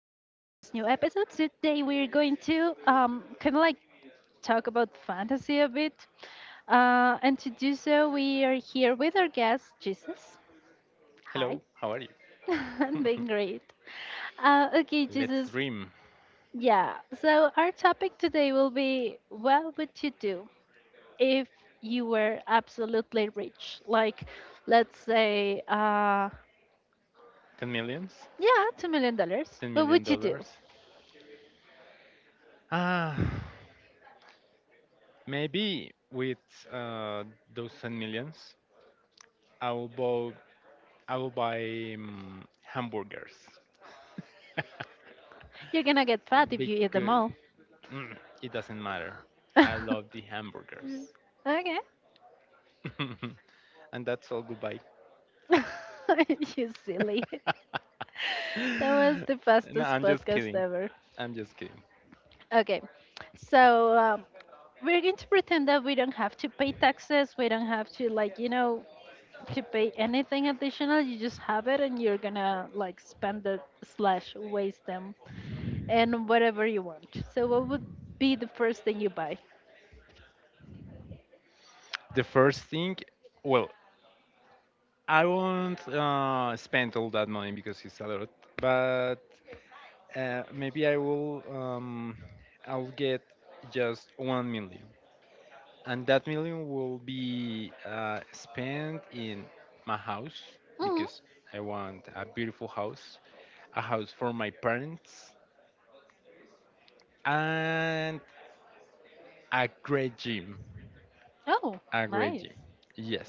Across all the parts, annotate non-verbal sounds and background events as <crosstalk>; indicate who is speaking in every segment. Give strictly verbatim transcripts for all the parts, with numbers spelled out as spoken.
Speaker 1: new episode. Today we're going to um, kind of like talk about fantasy a bit. Uh, and to do so, we are here with our guest, Jesus. Hi.
Speaker 2: Hello, how are you?
Speaker 1: <laughs>
Speaker 2: <laughs>
Speaker 1: I'm doing great. Uh, okay,
Speaker 2: Let's
Speaker 1: Jesus.
Speaker 2: dream.
Speaker 1: Yeah, so our topic today will be what would you do if you were absolutely rich? Like, let's say, uh,
Speaker 2: ten millions?
Speaker 1: yeah, two million dollars. Dollars.
Speaker 2: 10
Speaker 1: What
Speaker 2: million
Speaker 1: would you do?
Speaker 2: dollars? Ah, maybe with uh, those ten millions, I will buy, I will buy um, hamburgers. <laughs>
Speaker 1: You're gonna get fat if you eat them
Speaker 2: because
Speaker 1: all.
Speaker 2: mm, it doesn't matter. I love the
Speaker 1: <laughs>
Speaker 2: hamburgers.
Speaker 1: Okay.
Speaker 2: <laughs> and that's all, goodbye.
Speaker 1: <laughs> You silly. <laughs> That was the
Speaker 2: <laughs> No,
Speaker 1: fastest
Speaker 2: I'm just
Speaker 1: podcast
Speaker 2: kidding.
Speaker 1: ever.
Speaker 2: I'm just kidding.
Speaker 1: Okay. So um, we're going to pretend that we don't have to pay taxes. We don't have to like you know to pay anything additional. You just have it and you're gonna like spend it slash waste them and whatever you want. So what would be the first thing you buy?
Speaker 2: The first thing, well, I won't uh, spend all that money because it's a lot, but uh, maybe I will. Um, I'll get just one million, and that million will be uh, spent in my house
Speaker 1: Hmm.
Speaker 2: because I want a beautiful house, a house for my parents, and a great gym.
Speaker 1: Oh,
Speaker 2: A great
Speaker 1: nice.
Speaker 2: gym,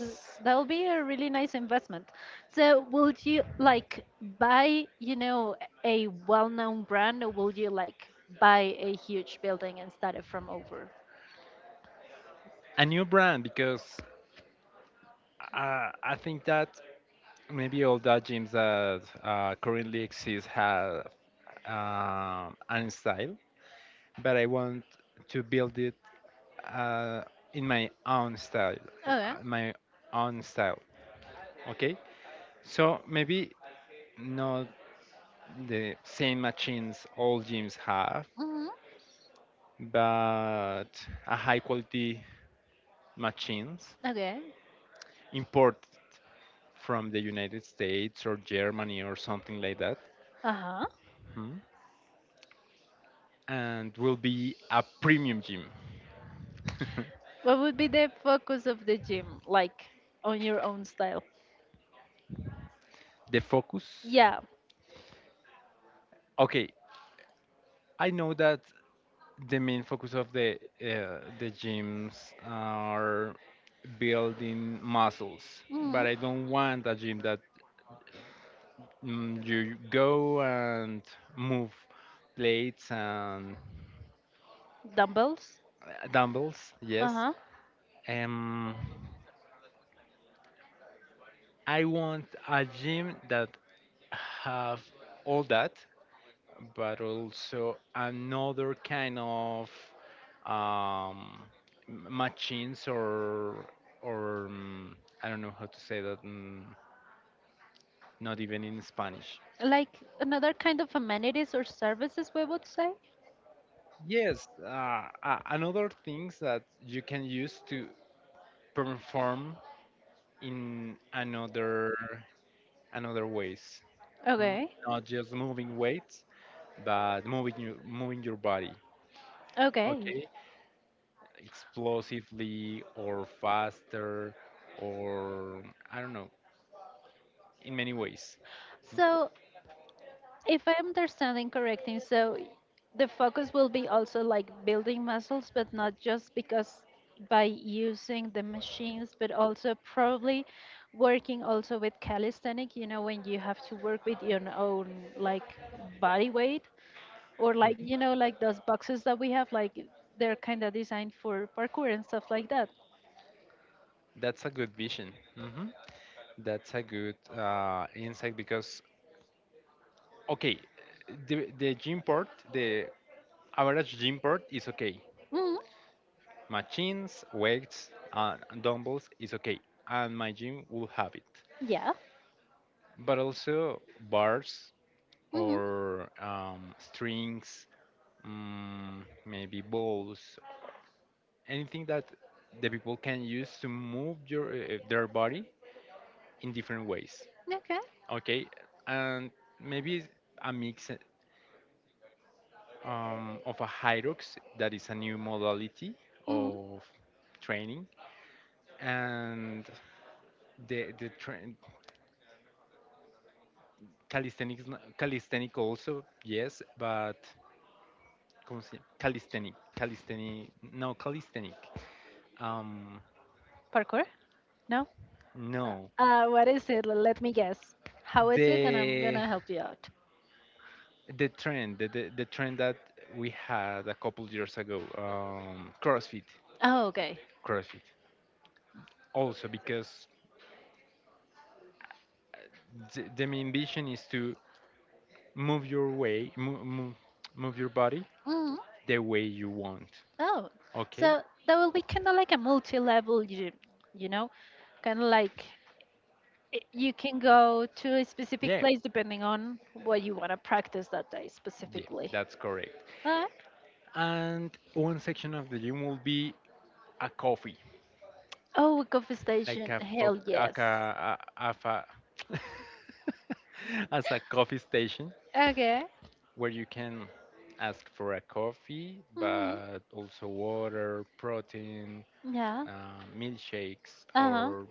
Speaker 1: Uh, That will be a really nice investment. So, will you like buy, you know, a well-known brand, or will you like buy a huge building and start it from over?
Speaker 2: a new brand because uh, I think that Maybe all the gyms that uh, currently exist have um an style, but I want to build it uh, in my own style,
Speaker 1: Okay.
Speaker 2: uh, my own style. Okay, so maybe not the same machines all gyms have,
Speaker 1: Hmm.
Speaker 2: but a high quality machines
Speaker 1: Okay.
Speaker 2: imported from the United States or Germany or something like that,
Speaker 1: Uh-huh.
Speaker 2: Mhm. and will be a premium gym. <laughs>
Speaker 1: What would be the focus of the gym, like on your own style?
Speaker 2: The focus?
Speaker 1: Yeah.
Speaker 2: Okay, I know that the main focus of the uh, the gyms are building muscles,
Speaker 1: Hmm.
Speaker 2: but I don't want a gym that mm, you go and move plates and
Speaker 1: Dumbbells.
Speaker 2: uh, dumbbells. Yes,
Speaker 1: Uh-huh.
Speaker 2: um, I want a gym that have all that, but also another kind of um, machines or or um, I don't know how to say that. Mm, not even in Spanish.
Speaker 1: Like another kind of amenities or services, we would say.
Speaker 2: Yes, uh, a- another things that you can use to perform in another another ways, mm,
Speaker 1: Okay.
Speaker 2: not just moving weights, but moving your moving your body.
Speaker 1: Okay.
Speaker 2: Okay, explosively or faster or I don't know in many ways.
Speaker 1: So, if I'm understanding correctly, so the focus will be also like building muscles, but not just because by using the machines, but also probably working also with calisthenic, you know, when you have to work with your own like body weight or like, you
Speaker 2: Mhm.
Speaker 1: know, like those boxes that we have, like they're kind of designed for parkour and stuff like that.
Speaker 2: That's a good vision. Mhm. That's a good uh, insight because okay, the the gym port, the average gym port is okay.
Speaker 1: Hmm.
Speaker 2: Machines, weights, and dumbbells is okay, and my gym will have it.
Speaker 1: Yeah.
Speaker 2: But also bars
Speaker 1: Hmm.
Speaker 2: or um, strings, mm, maybe balls, anything that the people can use to move your uh, their body in different ways.
Speaker 1: Okay.
Speaker 2: Okay, and maybe a mix um, of a Hyrux that is a new modality
Speaker 1: Hmm.
Speaker 2: of training and the the train calisthenics calisthenic also yes, but ¿cómo se llama? Calisthenic calisthenic no calisthenic um
Speaker 1: Parkour? No?
Speaker 2: no,
Speaker 1: Uh, what is it? Let me guess. How is it? And I'm
Speaker 2: the
Speaker 1: gonna help you out.
Speaker 2: the trend, the, the, the trend that we had a couple years ago, um crossfit,
Speaker 1: Oh, okay.
Speaker 2: crossfit also because the, the main vision is to move your way, move, move, move your body
Speaker 1: Hmm.
Speaker 2: the way you want.
Speaker 1: Oh,
Speaker 2: Okay?
Speaker 1: so that will be kind of like a multi-level gym, you know, kind of like i- you can go to a specific
Speaker 2: Yeah,
Speaker 1: place depending on what you want to practice that day
Speaker 2: yeah,
Speaker 1: specifically.
Speaker 2: that's correct.
Speaker 1: Alright.
Speaker 2: And one section of the gym will be a coffee,
Speaker 1: Oh, coffee
Speaker 2: like
Speaker 1: station.
Speaker 2: a fo-
Speaker 1: Hell
Speaker 2: like
Speaker 1: yes.
Speaker 2: a, a, of a <laughs> as a coffee station
Speaker 1: Okay.
Speaker 2: where you can ask for a coffee,
Speaker 1: Hmm.
Speaker 2: but also water, protein,
Speaker 1: Yeah.
Speaker 2: uh, milkshakes,
Speaker 1: Uh-huh.
Speaker 2: or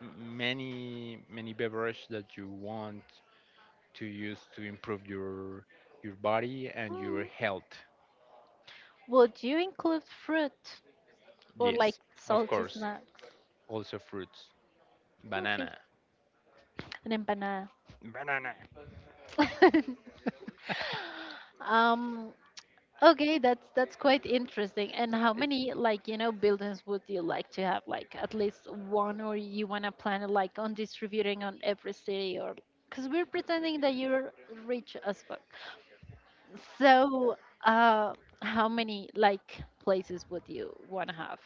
Speaker 2: m- many many beverage that you want to use to improve your your body and your
Speaker 1: Hmm.
Speaker 2: health.
Speaker 1: Would you include fruit or like
Speaker 2: Yes, of
Speaker 1: salty
Speaker 2: course.
Speaker 1: snacks?
Speaker 2: Also fruits.
Speaker 1: Okay.
Speaker 2: Banana.
Speaker 1: An empanada.
Speaker 2: Banana.
Speaker 1: <laughs> Um, okay, that's that's quite interesting. And how
Speaker 2: I-
Speaker 1: many like, you know, buildings would you like to have? Like at least one or you want to plan it like on distributing on every city, or because we're pretending that you're rich as fuck. So, uh, how many like places would you want to have?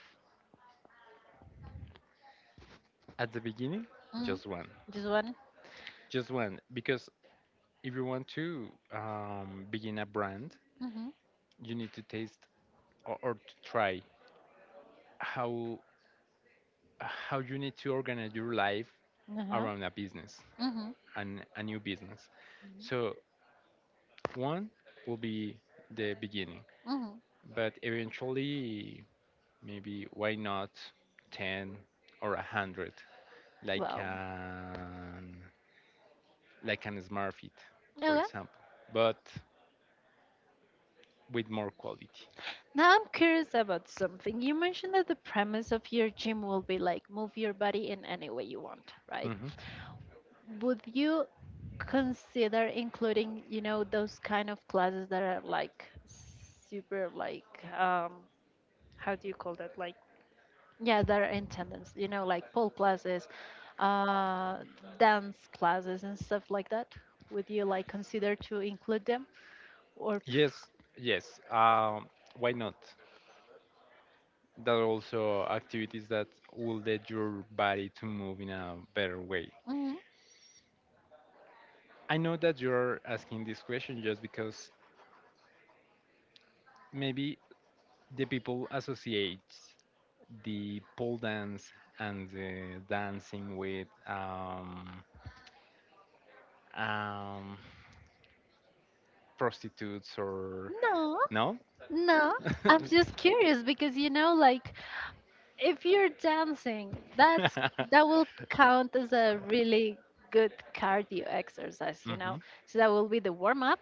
Speaker 2: At the beginning,
Speaker 1: Hmm.
Speaker 2: just one.
Speaker 1: Just one?
Speaker 2: Just one. Because if you want to um, begin a brand,
Speaker 1: Mm-hmm.
Speaker 2: you need to taste, or, or to try how how you need to organize your life
Speaker 1: Uh-huh.
Speaker 2: around a business
Speaker 1: Mm-hmm.
Speaker 2: and a new business. So one will be the beginning,
Speaker 1: Mm-hmm.
Speaker 2: but eventually maybe why not ten or a hundred? like
Speaker 1: Wow.
Speaker 2: an like an smart fit, for
Speaker 1: Okay.
Speaker 2: example, but with more quality.
Speaker 1: Now I'm curious about something. You mentioned that the premise of your gym will be like move your body in any way you want, right?
Speaker 2: Hmm
Speaker 1: Would you consider including, you know, those kind of classes that are like super like um how do you call that? Like yeah, that are attendance, you know, like pole classes, uh dance classes and stuff like that? Would you like consider to include them, or
Speaker 2: Yes, yes. Um, why not? There are also activities that will let your body to move in a better way. I know that you're asking this question just because maybe the people associate the pole dance and the dancing with um, um, prostitutes or
Speaker 1: no,
Speaker 2: no.
Speaker 1: no.
Speaker 2: <laughs>
Speaker 1: I'm
Speaker 2: hmm
Speaker 1: just curious because you know, like, if you're dancing, that's that will count as a really good cardio exercise, you know. So that will be the warm up.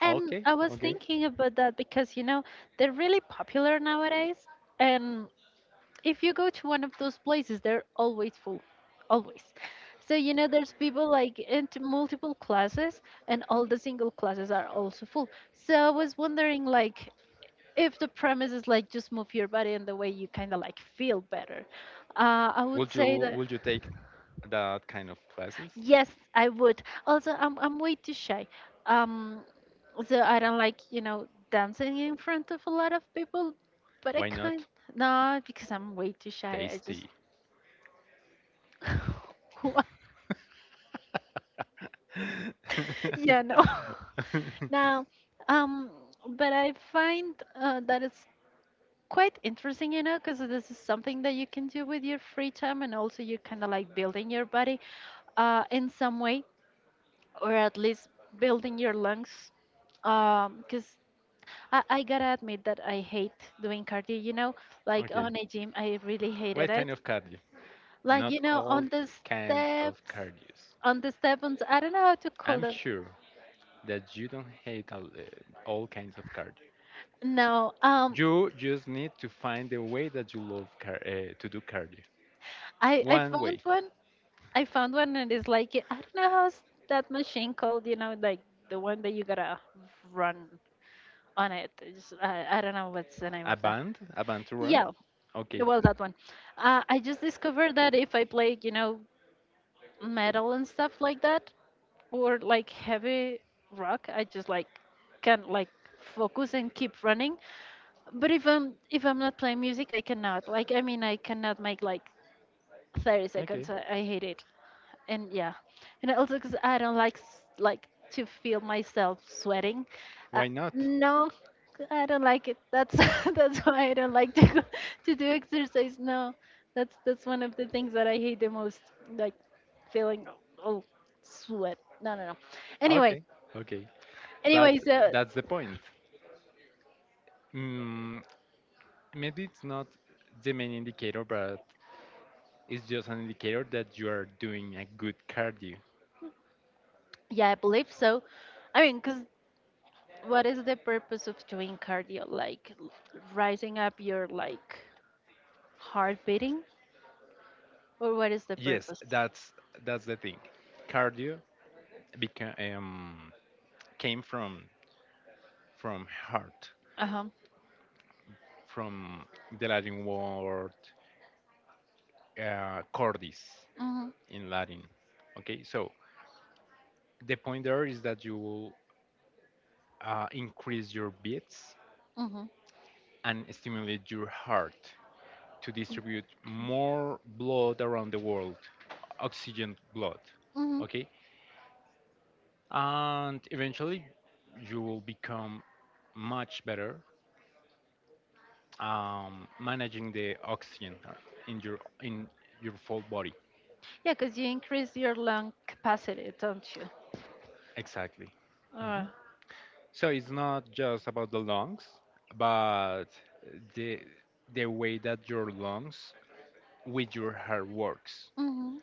Speaker 1: And
Speaker 2: Okay,
Speaker 1: I was
Speaker 2: okay.
Speaker 1: thinking about that because you know they're really popular nowadays, and if you go to one of those places, they're always full, always. So you know, there's people like into multiple classes, and all the single classes are also full. So I was wondering, like, if the premise is like just move your body in the way you kind of like feel better, uh, I would
Speaker 2: Would you
Speaker 1: say that
Speaker 2: would you take that kind of classes?
Speaker 1: yes I would also i'm, I'm way too shy, um so I don't like you know dancing in front of a lot of people but I
Speaker 2: Why
Speaker 1: can't
Speaker 2: not?
Speaker 1: no because I'm way too shy i just
Speaker 2: Tasty.
Speaker 1: <laughs> What? Yeah, no.
Speaker 2: <laughs>
Speaker 1: <laughs> Now, um but I find uh, that it's quite interesting, you know, because this is something that you can do with your free time, and also you kind of like building your body uh, in some way, or at least building your lungs. Because I, I gotta admit that I hate doing cardio, you know, like
Speaker 2: Okay.
Speaker 1: on a gym, I really hated
Speaker 2: What
Speaker 1: it.
Speaker 2: kind of cardio?
Speaker 1: Like,
Speaker 2: Not
Speaker 1: you know,
Speaker 2: all
Speaker 1: on the
Speaker 2: kind of
Speaker 1: steps,
Speaker 2: cardios.
Speaker 1: on the steps, I don't know how to call
Speaker 2: I'm
Speaker 1: that.
Speaker 2: sure that you don't hate all, uh, all kinds of cardio.
Speaker 1: No, um,
Speaker 2: You just need to find the way that you love car- uh, to do cardio.
Speaker 1: I, I
Speaker 2: One
Speaker 1: found
Speaker 2: way,
Speaker 1: one. I found one and it's like I don't know how's that machine called. You know, like the one that you gotta run on it. It's, I, I don't know what's the name
Speaker 2: a
Speaker 1: of that.
Speaker 2: band, a band to run.
Speaker 1: Yeah,
Speaker 2: Okay,
Speaker 1: well that one. Uh, I just discovered that if I play, you know, metal and stuff like that, or like heavy rock, I just like can like focus and keep running. But if I'm if I'm not playing music, I cannot. Like I mean, I cannot make like thirty
Speaker 2: okay.
Speaker 1: seconds. I, I hate it. And yeah, and also because I don't like s- like to feel myself sweating. uh,
Speaker 2: Why not?
Speaker 1: no I don't like it, that's <laughs> that's why I don't like to go, <laughs> to do exercise, no, that's that's one of the things that I hate the most, like feeling, oh, sweat, no, no, no. Anyway.
Speaker 2: Okay, okay. But
Speaker 1: Anyway,
Speaker 2: uh,
Speaker 1: so
Speaker 2: that's the point. Mm, Maybe it's not the main indicator, but it's just an indicator that you are doing a good cardio.
Speaker 1: yeah I believe so. I mean, because what is the purpose of doing cardio, like l- rising up your like heart beating, or what is the
Speaker 2: Yes,
Speaker 1: purpose?
Speaker 2: that's that's the thing. Cardio beca- um, came from from heart,
Speaker 1: Uh-huh.
Speaker 2: from the Latin word uh, cordis
Speaker 1: Mm-hmm.
Speaker 2: in Latin. Okay, so the point there is that you will uh, increase your beats
Speaker 1: Mm-hmm.
Speaker 2: and stimulate your heart to distribute more blood around the world, oxygen blood.
Speaker 1: Mm-hmm.
Speaker 2: Okay, and eventually you will become much better um, managing the oxygen uh, in your in your full body.
Speaker 1: Yeah, because you increase your lung capacity, don't you?
Speaker 2: Exactly.
Speaker 1: Uh,
Speaker 2: Mhm. So it's not just about the lungs, but the the way that your lungs with your heart works
Speaker 1: Mm-hmm.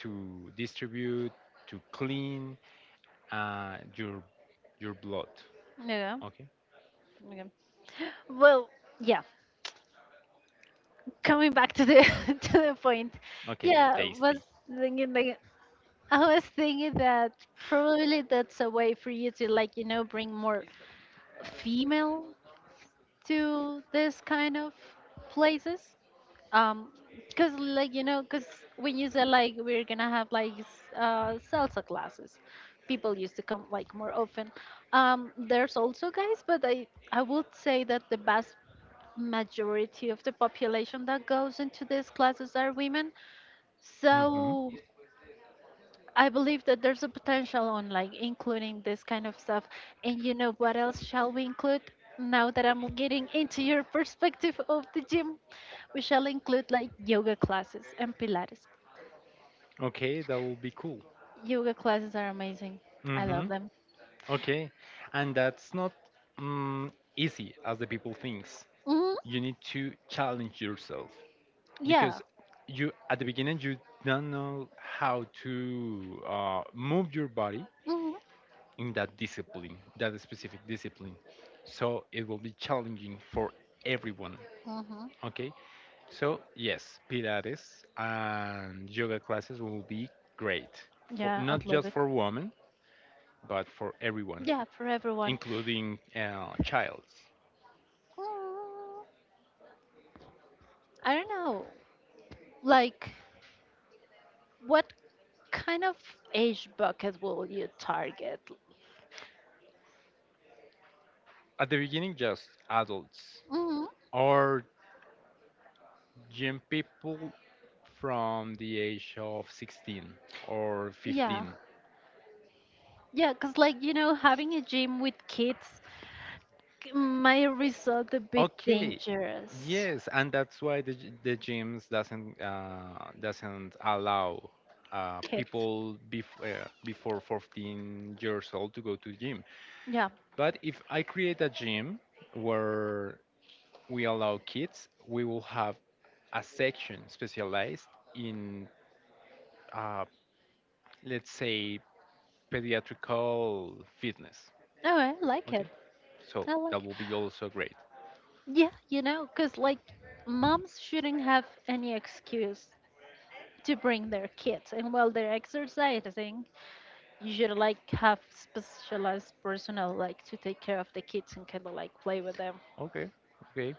Speaker 2: to distribute, to clean uh, your your blood.
Speaker 1: Yeah.
Speaker 2: Okay.
Speaker 1: Yeah. Well, yeah. Coming back to the <laughs> to the point,
Speaker 2: Okay.
Speaker 1: yeah, was
Speaker 2: Tasty.
Speaker 1: thinking like I was thinking that probably that's a way for you to like you know bring more female to this kind of places. Um, Cause like you know, cause when you said like we're gonna have like s- uh salsa classes, people used to come like more often. Um, there's also guys, but I I would say that the vast majority of the population that goes into these classes are women.
Speaker 2: Hmm
Speaker 1: So I believe that there's a potential on like including this kind of stuff. And you know what else shall we include? Now that I'm getting into your perspective of the gym, we shall include like yoga classes and Pilates.
Speaker 2: Okay, that will be cool.
Speaker 1: Yoga classes are amazing. I
Speaker 2: hmm
Speaker 1: love them.
Speaker 2: Okay, and that's not mm, easy as the people thinks.
Speaker 1: Hmm.
Speaker 2: You need to challenge yourself. Because
Speaker 1: Yeah.
Speaker 2: you at the beginning you don't know how to uh, move your body
Speaker 1: Hmm.
Speaker 2: in that discipline, that specific discipline, so it will be challenging for everyone.
Speaker 1: Hmm.
Speaker 2: Okay, so yes, pilates and yoga classes will be great, for
Speaker 1: Yeah,
Speaker 2: not
Speaker 1: I'd love
Speaker 2: just
Speaker 1: it.
Speaker 2: for women but for everyone,
Speaker 1: Yeah, for everyone.
Speaker 2: including uh, childs.
Speaker 1: Mm, I don't know. Like, what kind of age bucket will you target?
Speaker 2: At the beginning, just adults,
Speaker 1: Hmm.
Speaker 2: or gym people from the age of sixteen or
Speaker 1: Yeah.
Speaker 2: fifteen.
Speaker 1: Yeah, because like you know, having a gym with kids c- might result a bit
Speaker 2: Okay.
Speaker 1: dangerous.
Speaker 2: Yes, and that's why the g- the gyms doesn't, uh, doesn't allow uh,
Speaker 1: Kid.
Speaker 2: people bef- uh, before fourteen years old to go to gym.
Speaker 1: Yeah.
Speaker 2: But if I create a gym where we allow kids, we will have a section specialized in, uh, let's say, pediatrical fitness.
Speaker 1: Oh, I like
Speaker 2: Okay,
Speaker 1: it.
Speaker 2: so
Speaker 1: I
Speaker 2: that
Speaker 1: like.
Speaker 2: will be also great.
Speaker 1: Yeah, you know, because like moms shouldn't have any excuse to bring their kids, and while they're exercising, you should like have specialized personnel like to take care of the kids and kind of like play with them.
Speaker 2: Okay, okay.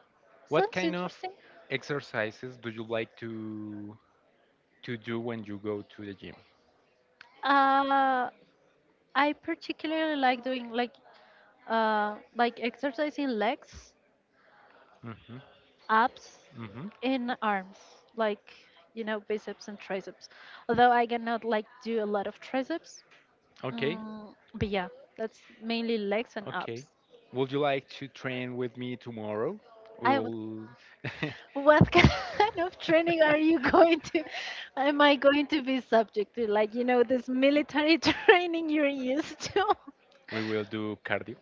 Speaker 2: What
Speaker 1: Sounds
Speaker 2: kind of
Speaker 1: interesting.
Speaker 2: exercises do you like to to do when you go to the gym?
Speaker 1: Uh, I particularly like doing like uh like exercising legs,
Speaker 2: Mm-hmm.
Speaker 1: abs,
Speaker 2: Mm-hmm.
Speaker 1: and arms, like you know biceps and triceps. Although I cannot like do a lot of triceps,
Speaker 2: Okay,
Speaker 1: mm, but yeah, that's mainly legs and abs.
Speaker 2: okay. Would you like to train with me tomorrow? We
Speaker 1: I would.
Speaker 2: will
Speaker 1: What <laughs> kind of training are
Speaker 2: <laughs>
Speaker 1: you going to? Am I going to be subject to like you know this military <laughs> training you're used to? <laughs>
Speaker 2: we will do cardio.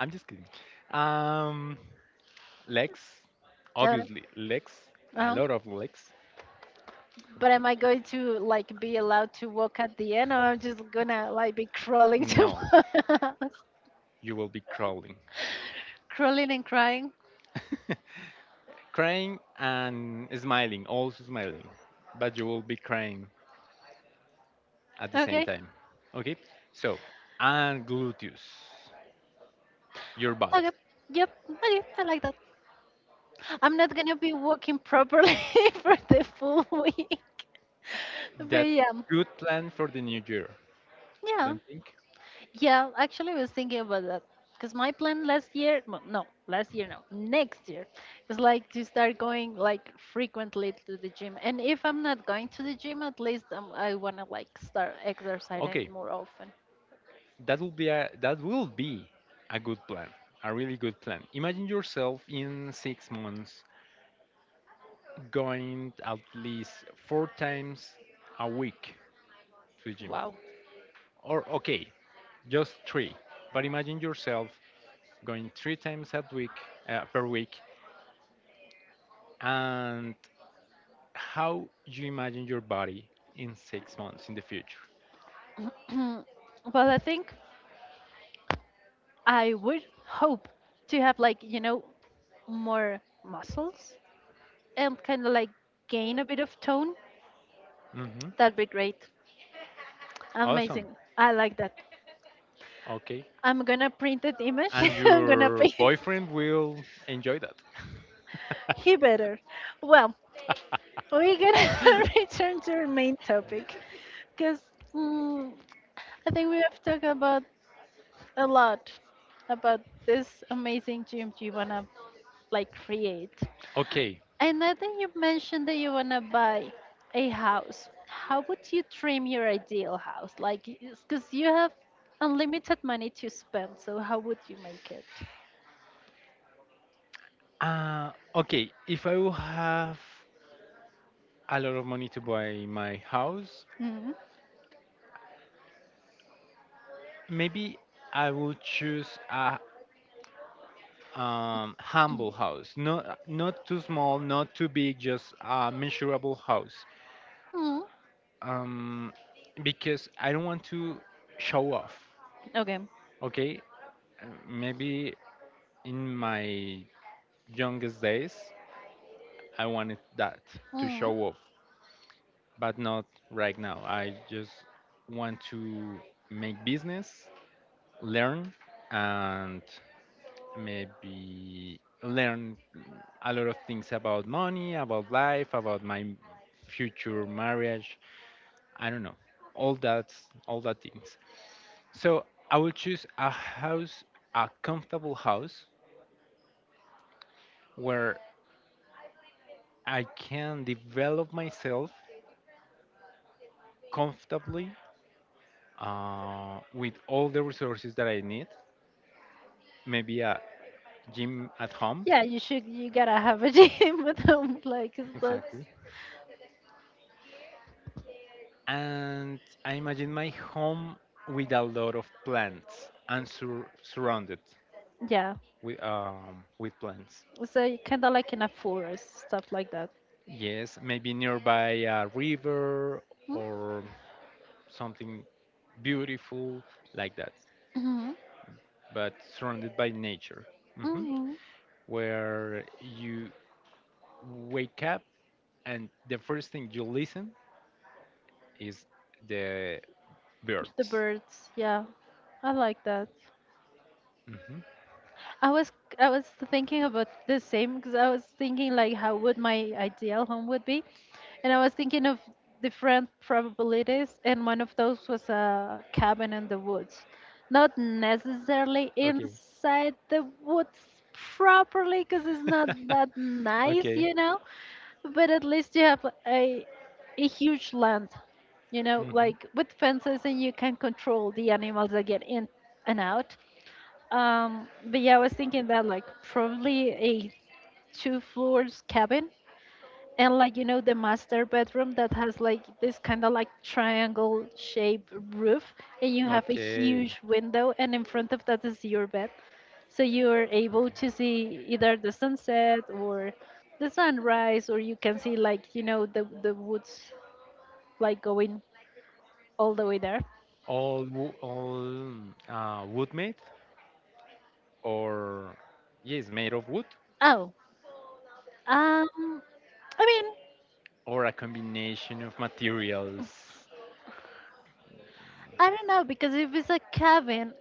Speaker 2: I'm just kidding. Um, Legs,
Speaker 1: Uh,
Speaker 2: obviously legs, a
Speaker 1: uh-huh.
Speaker 2: lot of legs.
Speaker 1: But am I going to like be allowed to walk at the end, or I'm just gonna like be crawling <laughs> to
Speaker 2: No,
Speaker 1: my house, <laughs>
Speaker 2: you will be crawling.
Speaker 1: crawling and crying?
Speaker 2: <laughs> Crying and smiling, also smiling, but you will be crying at the same
Speaker 1: Okay,
Speaker 2: time. Okay? So, and gluteus, your
Speaker 1: okay,
Speaker 2: butt.
Speaker 1: yep, okay, I like that. I'm not gonna be walking properly <laughs> for the full week, <laughs> but
Speaker 2: That's
Speaker 1: yeah,
Speaker 2: good plan for the new year,
Speaker 1: yeah.
Speaker 2: don't think?
Speaker 1: Yeah, actually, I was thinking about that because my plan last year, well, no, last year, no, next year, is like to start going like frequently to the gym. And if I'm not going to the gym, at least um, I want to like start exercising
Speaker 2: Okay,
Speaker 1: more often.
Speaker 2: that will be a, that will be a good plan, a really good plan. Imagine yourself in six months going at least four times a week to gym,
Speaker 1: Wow.
Speaker 2: or okay, just three. But imagine yourself going three times a week, uh, per week, and how you imagine your body in six months in the future.
Speaker 1: <clears throat> But I think I would hope to have like, you know, more muscles and kind of like gain a bit of tone.
Speaker 2: Hmm
Speaker 1: That'd be great.
Speaker 2: Awesome.
Speaker 1: Amazing. I like that.
Speaker 2: Okay.
Speaker 1: I'm gonna print that image.
Speaker 2: And
Speaker 1: <laughs> I'm gonna
Speaker 2: your
Speaker 1: paste.
Speaker 2: boyfriend will enjoy that.
Speaker 1: He
Speaker 2: <laughs>
Speaker 1: better. Well, we're gonna <laughs> return to our main topic because mm, I think we have talked about a lot about this amazing gym you wanna like create.
Speaker 2: Okay.
Speaker 1: And I think you mentioned that you wanna buy a house. How would you trim your ideal house? Like, because you have unlimited money to spend, so how would you make it?
Speaker 2: Uh, okay. If I will have a lot of money to buy my house,
Speaker 1: Mm-hmm.
Speaker 2: maybe I will choose a, um, humble house. Not not too small, not too big, just a measurable house. um, because I don't want to show off.
Speaker 1: Okay.
Speaker 2: Okay. Uh, maybe in my youngest days I wanted that, to show off, but not right now. I just want to make business, learn, and maybe learn a lot of things about money, about life, about my future marriage, I don't know, all that all that things. So I will choose a house, a comfortable house where I can develop myself comfortably uh, with all the resources that I need. Maybe a gym at home,
Speaker 1: Yeah, you should. You gotta have a gym <laughs> at home, like 'cause that's
Speaker 2: exactly. And I imagine my home with a lot of plants and sur- surrounded
Speaker 1: yeah.
Speaker 2: with, um, with plants.
Speaker 1: So kind of like in a forest, stuff like that.
Speaker 2: Yes, maybe nearby a river or something beautiful like that,
Speaker 1: Mm-hmm.
Speaker 2: but surrounded by nature, hmm
Speaker 1: Mm-hmm.
Speaker 2: where you wake up and the first thing you listen is the
Speaker 1: The
Speaker 2: birds.
Speaker 1: birds, yeah, I like that.
Speaker 2: Hmm
Speaker 1: I was I was thinking about the same because I was thinking like how would my ideal home would be, and I was thinking of different probabilities, and one of those was a cabin in the woods, not necessarily
Speaker 2: Okay.
Speaker 1: inside the woods properly because it's not that
Speaker 2: <laughs>
Speaker 1: nice,
Speaker 2: Okay.
Speaker 1: you know, but at least you have a a huge land, you know,
Speaker 2: hmm
Speaker 1: like with fences, and you can control the animals that get in and out um, but yeah, I was thinking that like probably a two floors cabin and like you know the master bedroom that has like this kind of like triangle shape roof and you have a
Speaker 2: Okay.
Speaker 1: huge window and in front of that is your bed. So you are able
Speaker 2: Okay.
Speaker 1: to see either the sunset or the sunrise or you can see like you know the the woods like going all the way there.
Speaker 2: All wo- all uh, wood made, or yes, made of wood,
Speaker 1: Oh. Um I mean,
Speaker 2: or a combination of materials.
Speaker 1: I don't know because if it's a cabin,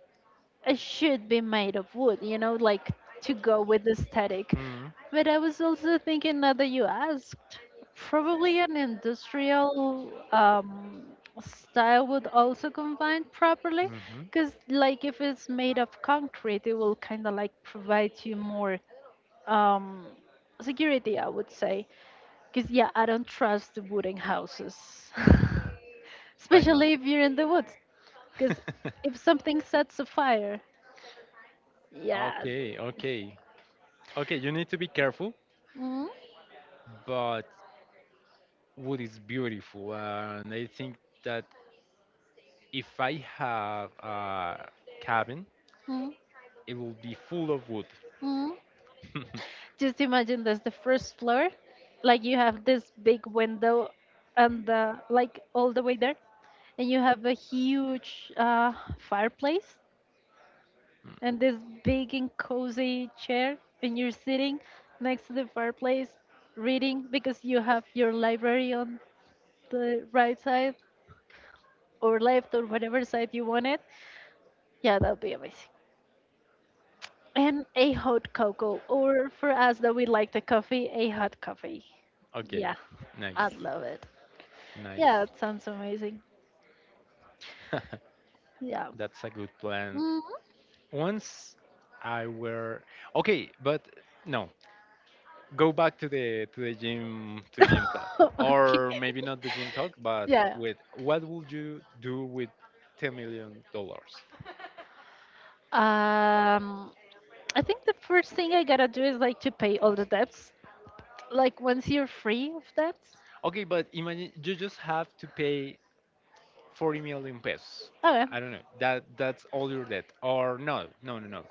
Speaker 1: it should be made of wood, you know, like to go with the aesthetic.
Speaker 2: Hmm.
Speaker 1: But I was also thinking now that you asked, probably an industrial um, style would also combine properly,
Speaker 2: hmm
Speaker 1: because like if it's made of concrete, it will kind of like provide you more um, security, I would say. Because yeah, I don't trust the wooden houses, <laughs>
Speaker 2: Why not?
Speaker 1: especially if you're in the woods, because
Speaker 2: <laughs>
Speaker 1: if something sets a fire. Yeah.
Speaker 2: Okay. Okay. Okay, you need to be careful,
Speaker 1: Mm,
Speaker 2: but wood is beautiful, and I think that if I have a cabin,
Speaker 1: mm,
Speaker 2: it will be full of wood.
Speaker 1: mm.
Speaker 2: <laughs>
Speaker 1: Just imagine that's the first floor. Like you have this big window and the like all the way there. And you have a huge uh, fireplace and this big and cozy chair. And you're sitting next to the fireplace reading because you have your library on the right side or left or whatever side you want it. Yeah, that would be amazing. And a hot cocoa, or for us that we like the coffee, a hot coffee.
Speaker 2: Okay,
Speaker 1: Yeah, I'd
Speaker 2: nice,
Speaker 1: love it. Yeah,
Speaker 2: nice.
Speaker 1: it sounds amazing.
Speaker 2: <laughs>
Speaker 1: Yeah.
Speaker 2: That's a good plan.
Speaker 1: Hmm.
Speaker 2: Once I were okay, but no, go back to the to the gym to the gym talk,
Speaker 1: <laughs> Okay.
Speaker 2: or maybe not the gym talk, but
Speaker 1: Yeah.
Speaker 2: with what would you do with ten million dollars?
Speaker 1: Um, I think the first thing I gotta do is like to pay all the debts. Like once you're free of debts.
Speaker 2: Okay, but imagine you just have to pay forty million pesos.
Speaker 1: Okay.
Speaker 2: I don't know. That that's all your debt, or no, no, no, no,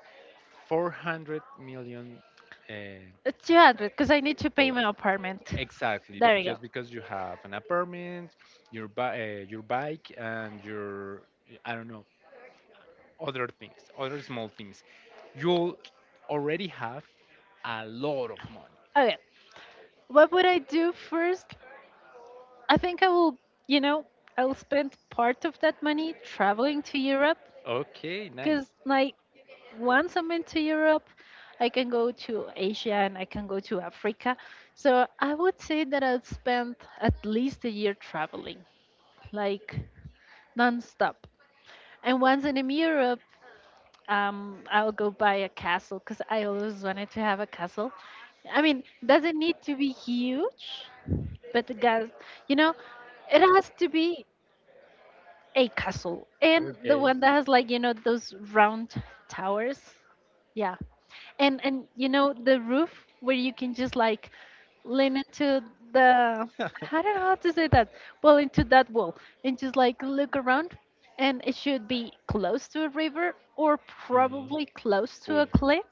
Speaker 2: four hundred million uh,
Speaker 1: Uh, two hundred, because I need to pay
Speaker 2: dollars.
Speaker 1: my apartment.
Speaker 2: Exactly,
Speaker 1: There we go.
Speaker 2: just because you have an apartment, your bi- uh, your bike, and your, I don't know, other things, other small things. You'll already have a lot of money.
Speaker 1: Okay. What would I do first? I think I will, you know, I'll spend part of that money traveling to Europe
Speaker 2: Okay, nice.
Speaker 1: because, like, once I'm into Europe, I can go to Asia and I can go to Africa. So I would say that I'll spend at least a year traveling, like nonstop. And once I'm in Europe, um, I'll go buy a castle because I always wanted to have a castle. I mean, doesn't need to be huge, but the guys, you know, it has to be. A castle and the
Speaker 2: Okay.
Speaker 1: one that has like you know those round towers, yeah, and and you know the roof where you can just like lean into the, I
Speaker 2: <laughs>
Speaker 1: don't know how to say that, well into that wall and just like look around and it should be close to a river or
Speaker 2: Mhm.
Speaker 1: probably close to
Speaker 2: Cool.
Speaker 1: a cliff.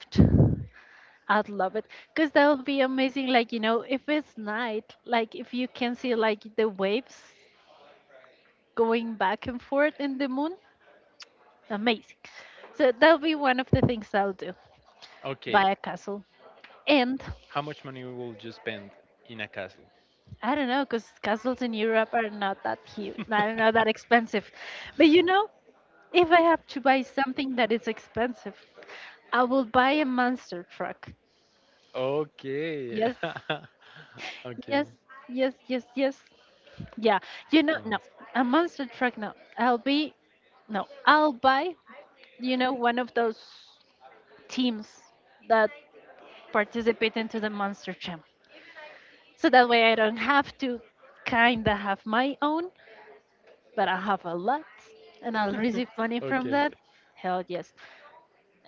Speaker 1: I'd love it because that would be amazing. Like, you know, if it's night, like if you can see like the waves going back and forth in the moon. Amazing. So that'll be one of the things I'll do. Buy
Speaker 2: Okay.
Speaker 1: a castle. And
Speaker 2: How much money will you spend in a castle?
Speaker 1: I don't know, because castles in Europe are not that huge. I don't know, that
Speaker 2: <laughs>
Speaker 1: expensive. But you know, if I have to buy something that is expensive, I will buy a monster truck.
Speaker 2: Okay.
Speaker 1: Yes,
Speaker 2: <laughs> Okay.
Speaker 1: yes, yes, yes, yes. Yeah, you know, no,
Speaker 2: Alright.
Speaker 1: a monster truck, no. I'll be, no, I'll buy, you know, one of those teams that participate into the monster jam. So that way I don't have to kind of have my own, but I have a lot and I'll
Speaker 2: <laughs>
Speaker 1: receive money from
Speaker 2: Okay.
Speaker 1: that. Hell yes.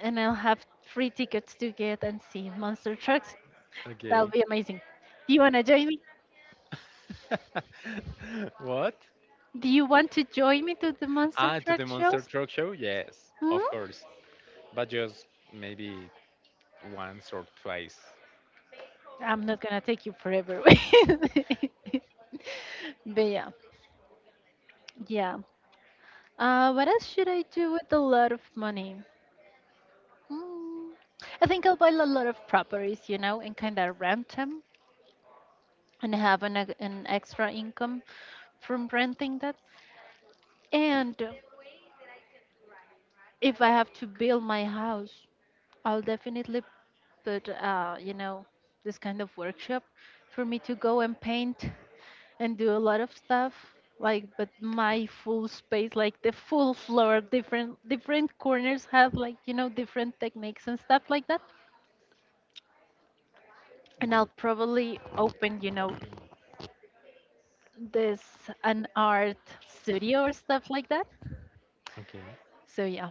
Speaker 1: And I'll have free tickets to get and see monster trucks. That'll
Speaker 2: Okay.
Speaker 1: be amazing. Do you want to join me?
Speaker 2: <laughs> What?
Speaker 1: Do you want to join me to the monster
Speaker 2: Ah, to
Speaker 1: truck
Speaker 2: the Monster
Speaker 1: shows?
Speaker 2: Truck Show? Yes,
Speaker 1: Hmm?
Speaker 2: of course. But just maybe once or twice.
Speaker 1: I'm not going to take you forever. <laughs> But yeah. Yeah. Uh, what else should I do with a lot of money? Mm. I think I'll buy a lot of properties, you know, and kind of rent them and have an, ex- an extra income from renting that. And if I have to build my house, I'll definitely put, uh, you know, this kind of workshop for me to go and paint and do a lot of stuff. Like, but my full space, like the full floor, different different corners have like you know different techniques and stuff like that. And I'll
Speaker 2: Good.
Speaker 1: probably open, you know, this an art studio or stuff like that.
Speaker 2: Okay.
Speaker 1: So yeah,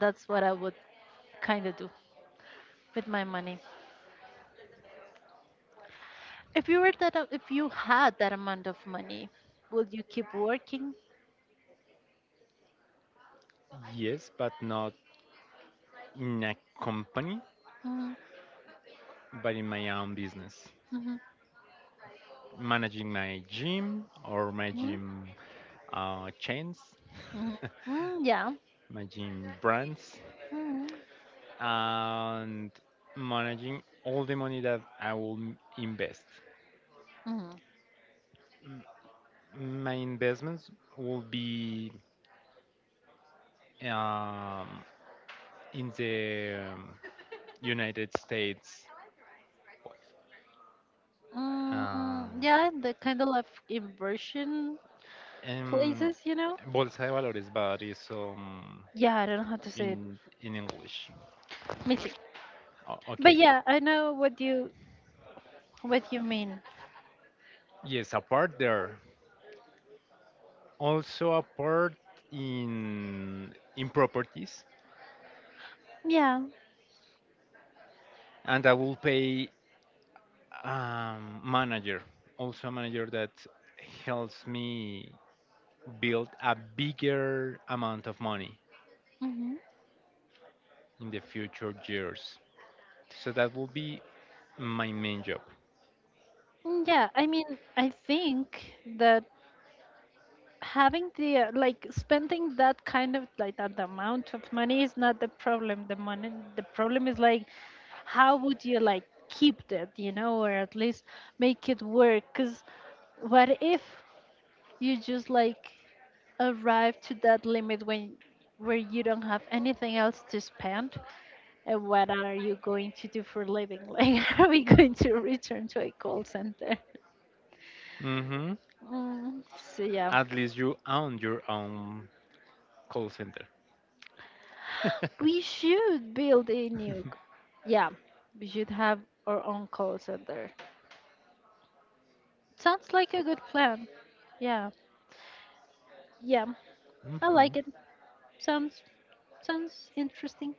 Speaker 1: that's what I would kind of do with my money. If you were that, a- if you had that amount of money, would you keep working?
Speaker 2: Yes, but not in a company,
Speaker 1: Mm,
Speaker 2: but in my own business.
Speaker 1: mhm,
Speaker 2: Managing my gym or my
Speaker 1: mm,
Speaker 2: gym uh, chains.
Speaker 1: mhm,
Speaker 2: <laughs>
Speaker 1: mm, yeah.
Speaker 2: Managing brands,
Speaker 1: Mm,
Speaker 2: and managing all the money that I will m- invest.
Speaker 1: mhm,
Speaker 2: M- My investments will be um, in the um, United States. Um,
Speaker 1: mm, yeah, the kind of like inversion
Speaker 2: em,
Speaker 1: places, you know.
Speaker 2: Bolsa de Valores, but it's um,
Speaker 1: Yeah, I don't know how to say it.
Speaker 2: in in English.
Speaker 1: Missing.
Speaker 2: O-
Speaker 1: But
Speaker 2: okay.
Speaker 1: yeah, I know what you what you mean.
Speaker 2: Yes, a part there. Also a part in in properties,
Speaker 1: Yeah.
Speaker 2: and I will pay, um, manager, also a manager that helps me build a bigger amount of money
Speaker 1: Mm-hmm.
Speaker 2: in the future years. So that will be my main job.
Speaker 1: Mm, yeah, I mean, I think that having the uh, like spending that kind of like that amount of money is not the problem. The money, the problem is like, how would you like keep that, you know, or at least make it work? Because what if you just like arrive to that limit when where you don't have anything else to spend and what are you going to do for living, <laughs> like are we going to return to a call center.
Speaker 2: Hmm
Speaker 1: Mm, so yeah,
Speaker 2: At least you own your own call center. <laughs>
Speaker 1: we should build a nuke. Yeah, we should have our own call center. Sounds like a good plan. Yeah, yeah, I
Speaker 2: Mhm.
Speaker 1: like it. Sounds sounds interesting.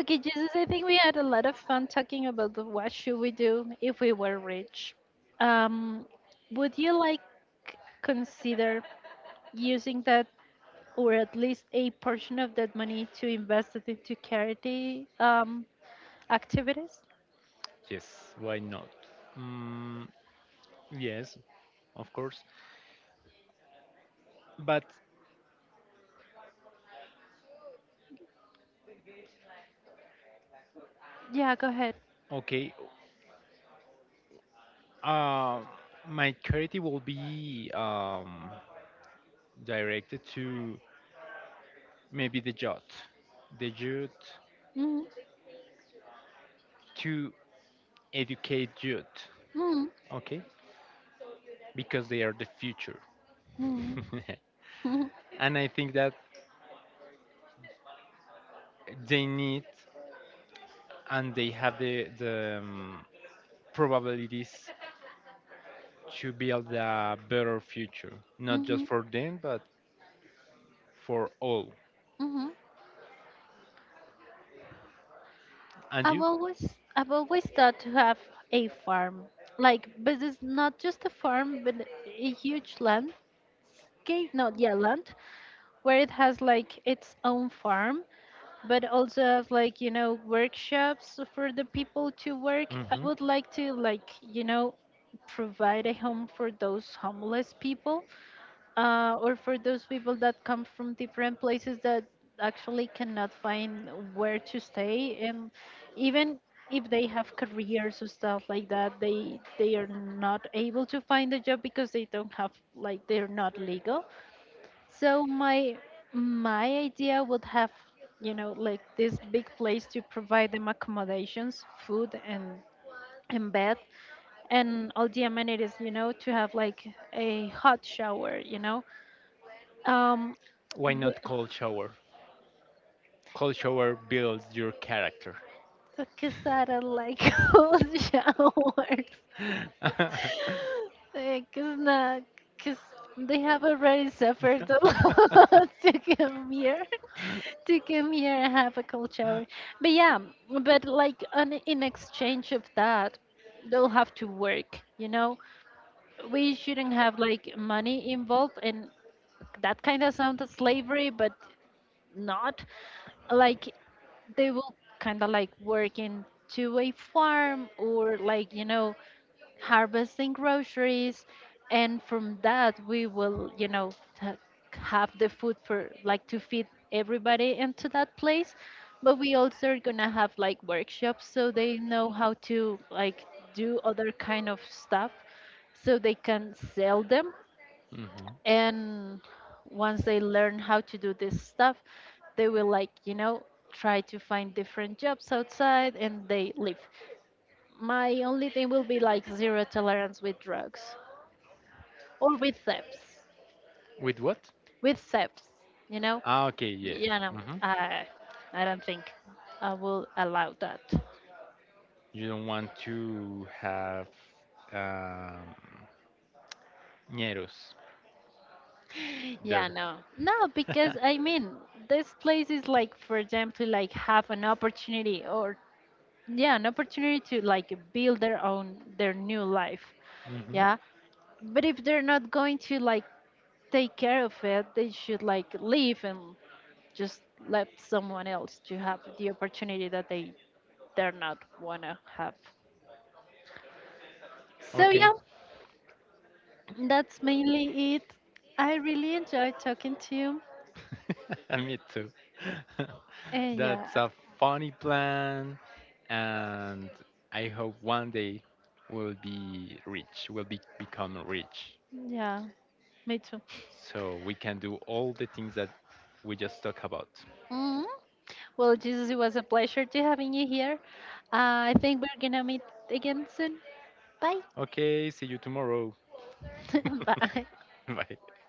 Speaker 1: Okay, Jesus, I think we had a lot of fun talking about the what should we do if we were rich. Um, would you like consider using that or at least a portion of that money to invest it into charity um, activities?
Speaker 2: Yes, why not? Mm, yes, of course. But
Speaker 1: Yeah, go ahead.
Speaker 2: okay, uh, my charity will be, um, directed to maybe the youth, the youth
Speaker 1: Mhm.
Speaker 2: to educate youth,
Speaker 1: Mhm.
Speaker 2: okay? Because they are the future.
Speaker 1: Mhm.
Speaker 2: <laughs>
Speaker 1: Mhm.
Speaker 2: and I think that they need, and they have the, the um, probabilities to build a better future, not just
Speaker 1: Mhm.
Speaker 2: for them, but for all.
Speaker 1: Mhm.
Speaker 2: And
Speaker 1: I've
Speaker 2: you?
Speaker 1: always I've always thought to have a farm. Like, but it's not just a farm, but a huge landscape. No, yeah, land where it has like its own farm, but also has like, you know, workshops for the people to work. I
Speaker 2: Hmm
Speaker 1: would like to like, you know, provide a home for those homeless people, uh, or for those people that come from different places that actually cannot find where to stay and even if they have careers or stuff like that they they are not able to find a job because they don't have like they're not legal, so my my idea would have you know like this big place to provide them accommodations, food and and bed and all the amenities, you know, to have like a hot shower, you know, um,
Speaker 2: Why not cold shower? Cold shower builds your character. <laughs>
Speaker 1: because I don't like <laughs> cold showers. Because not, because they have already suffered a lot <laughs> to come here, <laughs> to come here and have a cold shower. But yeah, but like on, in exchange of that, they'll have to work. You know, we shouldn't have like money involved, and that kind of sounds like slavery, but not like they will kind of like working to a farm or like you know harvesting groceries and from that we will you know t- have the food for like to feed everybody into that place, but we also are gonna have like workshops so they know how to like do other kind of stuff so they can sell them,
Speaker 2: Mhm.
Speaker 1: and once they learn how to do this stuff they will like you know try to find different jobs outside and they leave. My only thing will be like zero tolerance with drugs or with thefts.
Speaker 2: With what?
Speaker 1: With thefts, you know.
Speaker 2: Ah, okay, yeah.
Speaker 1: Yeah, no,
Speaker 2: hmm
Speaker 1: i i don't think I will allow that.
Speaker 2: You don't want to have um, ñeros
Speaker 1: <laughs> Yeah,
Speaker 2: there.
Speaker 1: no, no, because
Speaker 2: <laughs>
Speaker 1: I mean this place is like for them to like have an opportunity or yeah an opportunity to like build their own their new life.
Speaker 2: hmm
Speaker 1: Yeah, but if they're not going to like take care of it they should like leave and just let someone else to have the opportunity that they they're not wanna have, so
Speaker 2: Okay.
Speaker 1: yeah, that's mainly it. I really enjoyed talking to you
Speaker 2: <laughs> Me too. <laughs>
Speaker 1: and yeah.
Speaker 2: That's a funny plan, and I hope one day we'll be rich, we'll be, become rich,
Speaker 1: Yeah, me too.
Speaker 2: so we can do all the things that we just talk about.
Speaker 1: Mhm. Well, Jesus, it was a pleasure to having you here. uh, I think we're gonna meet again soon. Bye.
Speaker 2: Okay, see you tomorrow.
Speaker 1: <laughs> 拜。
Speaker 2: <laughs> Bye.